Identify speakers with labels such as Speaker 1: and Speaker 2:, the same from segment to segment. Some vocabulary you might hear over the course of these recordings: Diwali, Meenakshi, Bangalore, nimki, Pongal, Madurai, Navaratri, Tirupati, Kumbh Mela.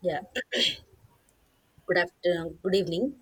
Speaker 1: Yeah, good afternoon, good evening.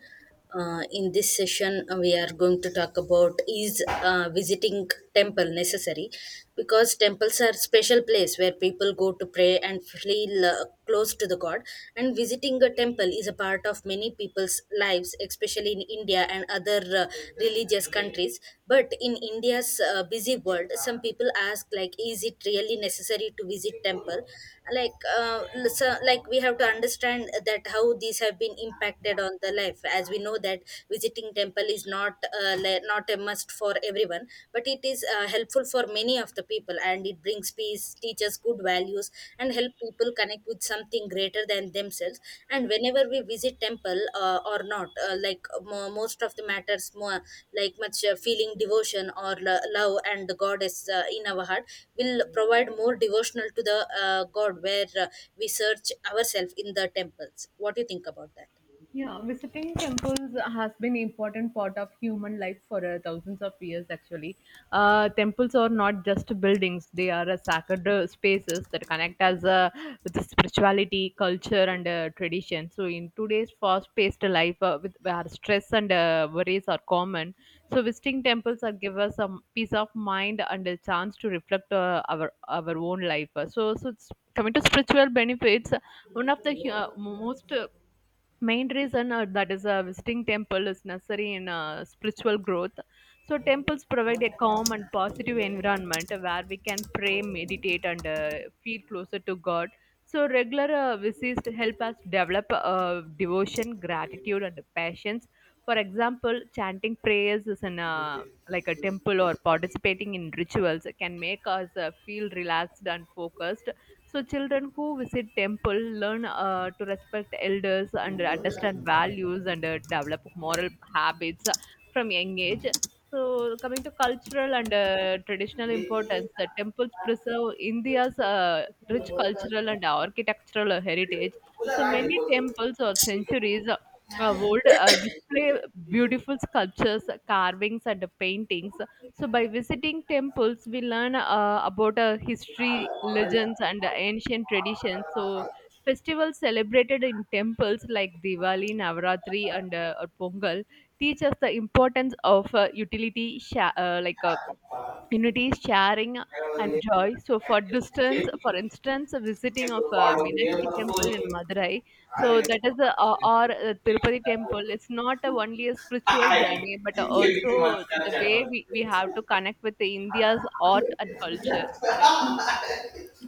Speaker 1: In this session, we are going to talk about is visiting temple necessary? Because temples are special place where people go to pray and feel close to the God. And visiting a temple is a part of many people's lives, especially in India and other religious countries, but in india's busy world some people ask, like, is it really necessary to visit temple like like we have to understand that how these have been impacted on the life. As we know that visiting temple is not not a must for everyone, but it is helpful for many of the people, and it brings peace, teaches good values, and help people connect with something greater than themselves. And whenever we visit temple or not, like most of the matters more, like much, feeling devotion or love and the goddess in our heart will provide more devotional to the god, where we search ourselves in the temples. What do you think about that?
Speaker 2: Yeah, visiting temples has been important part of human life for thousands of years. Actually, temples are not just buildings; they are sacred spaces that connect us with the spirituality, culture, and tradition. So, in today's fast-paced life, with where stress and worries are common, so visiting temples are give us a peace of mind and a chance to reflect our own life. So, coming to spiritual benefits, one of the most main reason that is visiting temple is necessary in spiritual growth. So temples provide a calm and positive environment where we can pray, meditate, and feel closer to god. So regular visits help us develop devotion, gratitude, and patience. For example, chanting prayers is in like a temple, or participating in rituals can make us feel relaxed and focused. So children who visit temple learn to respect elders and understand values and develop moral habits from young age. So, coming to cultural and traditional importance, the temples preserve India's rich cultural and architectural heritage. So many temples or centuries old display beautiful sculptures, carvings, and paintings. So, by visiting temples, we learn about
Speaker 1: बनाने
Speaker 2: history,
Speaker 1: वाले ये
Speaker 2: legends, and
Speaker 1: बनाने
Speaker 2: ancient
Speaker 1: बाहर का
Speaker 2: traditions.
Speaker 1: तो ना
Speaker 2: So,
Speaker 1: करो.
Speaker 2: festivals celebrated in temples like Diwali, Navaratri, and or Pongal teach us the importance of utility, sha- like
Speaker 1: ah,
Speaker 2: Unity, sharing,
Speaker 1: क्या वो
Speaker 2: and
Speaker 1: ये
Speaker 2: joy. So,
Speaker 1: ऐसे चेंज,
Speaker 2: for instance, a
Speaker 1: किस
Speaker 2: visiting of
Speaker 1: बारे में ये
Speaker 2: Meenakshi
Speaker 1: मत
Speaker 2: temple in
Speaker 1: कोई.
Speaker 2: Madurai,
Speaker 1: are
Speaker 2: so that is a, or
Speaker 1: मत
Speaker 2: Tirupati temple.
Speaker 1: करो.
Speaker 2: It's not a, only a spiritual
Speaker 1: हाँ
Speaker 2: journey, but
Speaker 1: ये, क्योंकि मत
Speaker 2: also the way we have
Speaker 1: करना.
Speaker 2: to connect with the India's art and culture. Yeah.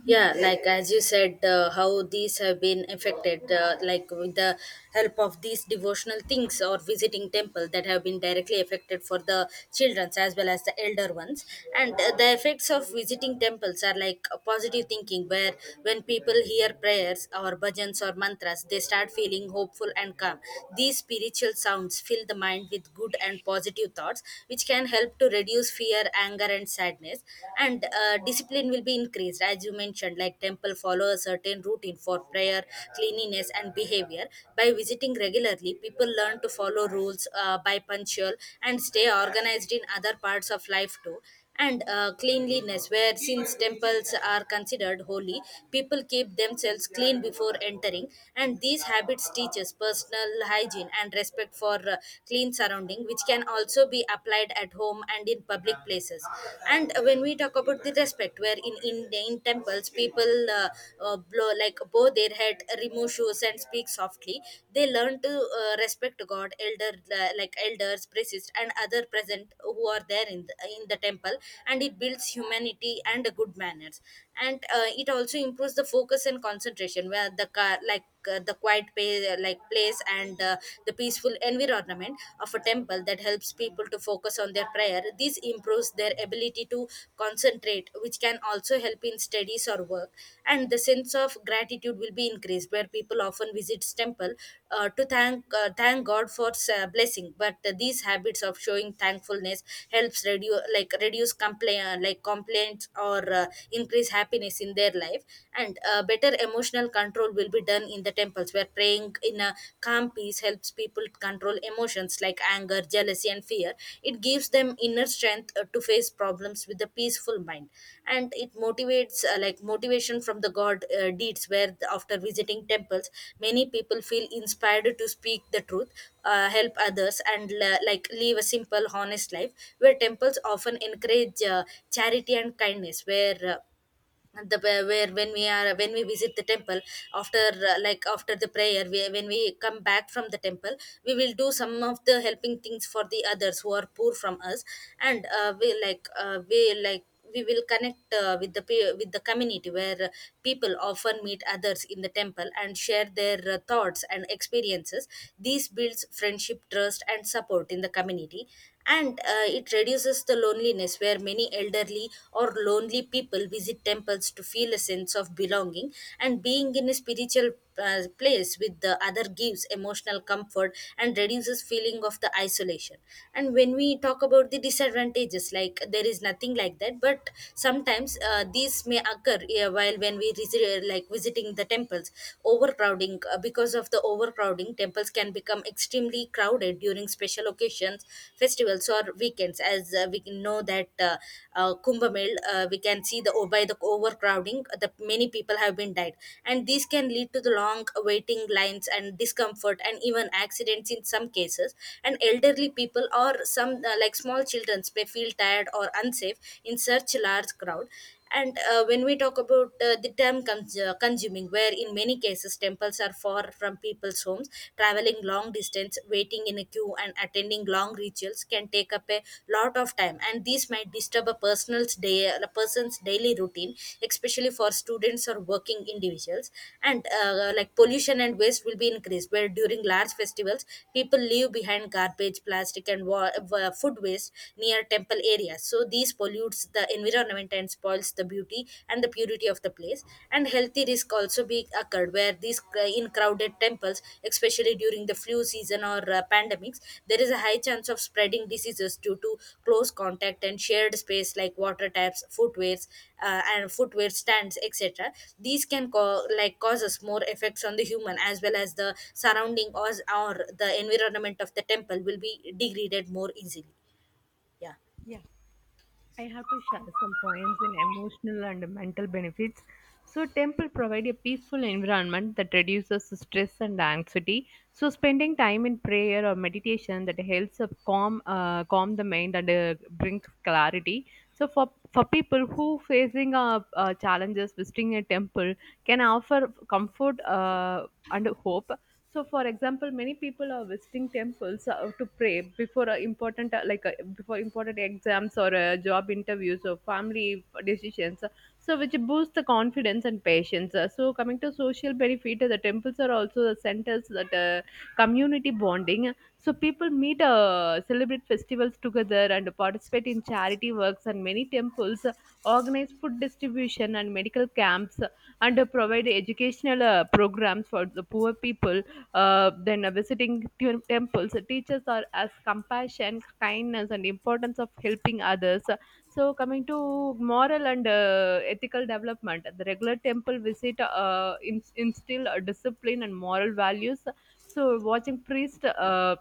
Speaker 1: Yeah, like as you said, how these have been affected, like, with the help of these devotional things or visiting temple, that have been directly affected for the children as well as the elder ones. And the effects of visiting temples are like a positive thinking, where when people hear prayers or bhajans or mantras, they start feeling hopeful and calm. These spiritual sounds fill the mind with good and positive thoughts which can help to reduce fear, anger, and sadness. And discipline will be increased. As you mentioned, like, temple follow a certain routine for prayer, cleanliness, and behavior. By visiting regularly, people learn to follow rules, by punctual, and stay organized in other parts of life too. And cleanliness, where since temples are considered holy, people keep themselves clean before entering, and these habits teach us personal hygiene and respect for clean surrounding, which can also be applied at home and in public places. And when we talk about the respect, where in temples, people blow, like, bow their head, remove shoes, and speak softly. They learn to respect god, elder, like, elders, priests, and other present who are there in the temple, and it builds humanity and good manners. And it also improves the focus and concentration, where the car, like, the quiet like place, and the peaceful environment of a temple that helps people to focus on their prayer. This improves their ability to concentrate, which can also help in studies or work. And the sense of gratitude will be increased, where people often visits temple to thank god for blessing. But these habits of showing thankfulness helps reduce complaints, or increase happiness in their life. And better emotional control will be done in the temples, where praying in a calm peace helps people to control emotions like anger, jealousy, and fear. It gives them inner strength to face problems with a peaceful mind. And it motivates, like, motivation from the god deeds, where after visiting temples, many people feel inspired to speak the truth, help others, and like, live a simple honest life, where temples often encourage charity and kindness. Where, the where, when we are when we visit the temple, after, like, after the prayer, when we come back from the temple, we will do some of the helping things for the others who are poor from us. And we will connect, with with the community, where people often meet others in the temple and share their thoughts and experiences. This builds friendship, trust, and support in the community. And it reduces the loneliness, where many elderly or lonely people visit temples to feel a sense of belonging, and being in a spiritual place with the other gives emotional comfort and reduces feeling of the isolation. And when we talk about the disadvantages, like, there is nothing like that, but sometimes these may occur while when we visit, like, visiting the temples. Overcrowding, because of the overcrowding, temples can become extremely crowded during special occasions, festivals, or weekends. As we can know that Kumbh Mel, we can see the by the overcrowding, the many people have been died, and these can lead to the long waiting lines and discomfort and even accidents in some cases. And elderly people or some like small children may feel tired or unsafe in such large crowd. And when we talk about the term consuming, where in many cases temples are far from people's homes, traveling long distance, waiting in a queue, and attending long rituals can take up a lot of time. And these might disturb a person's day, a person's daily routine, especially for students or working individuals. And like pollution and waste will be increased, where during large festivals, people leave behind garbage, plastic, and food waste near temple areas. So these this pollutes the environment and spoils the beauty and the purity of the place. And healthy risk also be occurred, where in crowded temples, especially during the flu season or pandemics, there is a high chance of spreading diseases due to close contact and shared space like water taps, footwears, and footwear stands, etc. These can causes more effects on the human as well as the surrounding, or the environment of the temple will be degraded more easily. Yeah.
Speaker 2: I have to share some points in emotional and mental benefits. So, temple provide a peaceful environment that reduces stress and anxiety. So, spending time in prayer or meditation that helps calm the mind and brings clarity. So, for people who facing challenges, visiting a temple can offer comfort and hope. So, for example, many people are visiting temples to pray before a important before important exams or job interviews or family decisions, so which boosts the confidence and patience. So, coming to social benefit, the temples are also the centers that community bonding. So people meet, celebrate festivals together, and participate in charity works. And many temples organize food distribution and medical camps, and provide educational programs for the poor people. Then visiting temples teaches us as compassion, kindness, and importance of helping others. So, coming to moral and ethical development, the regular temple visit instill discipline and moral values. So watching priest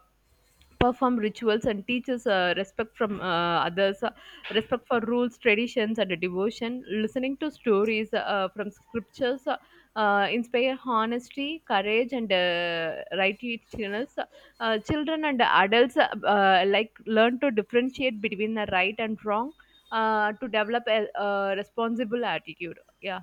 Speaker 2: perform rituals and teaches respect from others, respect for rules, traditions, and devotion. Listening to stories from scriptures inspire honesty, courage, and righteousness. Children and adults like learn to differentiate between the right and wrong, to develop a responsible attitude. Yeah.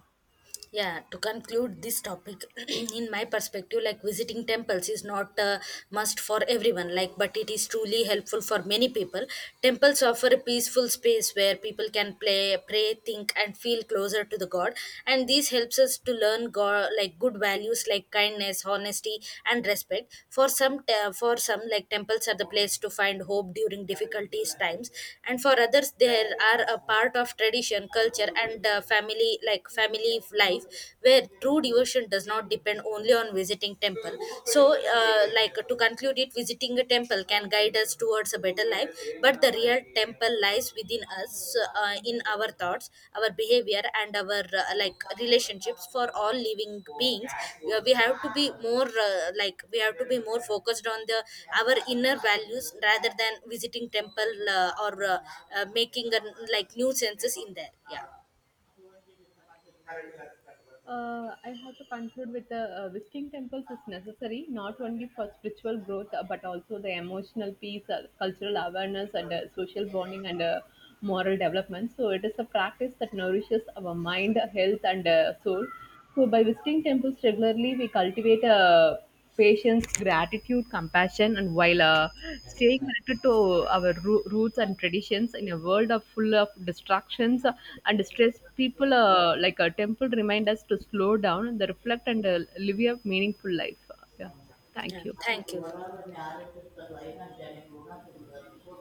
Speaker 1: Yeah, to conclude this topic, in my perspective, like, visiting temples is not a must for everyone, like, but it is truly helpful for many people. Temples offer a peaceful space where people can play, pray, think, and feel closer to the god, and this helps us to learn god, like, good values like kindness, honesty, and respect. For some, for some, like, temples are the place to find hope during difficulties times, and for others there are a part of tradition, culture, and family, like, family life, where true devotion does not depend only on visiting temple. So, like, to conclude it, visiting a temple can guide us towards a better life, but the real temple lies within us, in our thoughts, our behavior, and our, like, relationships for all living beings. We have to be more, like, we have to be more focused on the our inner values rather than visiting temple or making a, like, new senses in there. Yeah.
Speaker 2: I have to conclude with the visiting temples is necessary not only for spiritual growth, but also the emotional peace, cultural awareness, and social bonding and moral development. So it is a practice that nourishes our mind, health, and soul. So by visiting temples regularly, we cultivate patience, gratitude, compassion, and while staying connected to our roots and traditions. In a world of full of distractions and stress, people, like a temple, remind us to slow down and reflect and live a meaningful life. Yeah.
Speaker 1: Yeah,
Speaker 2: Thank you.
Speaker 1: thank you.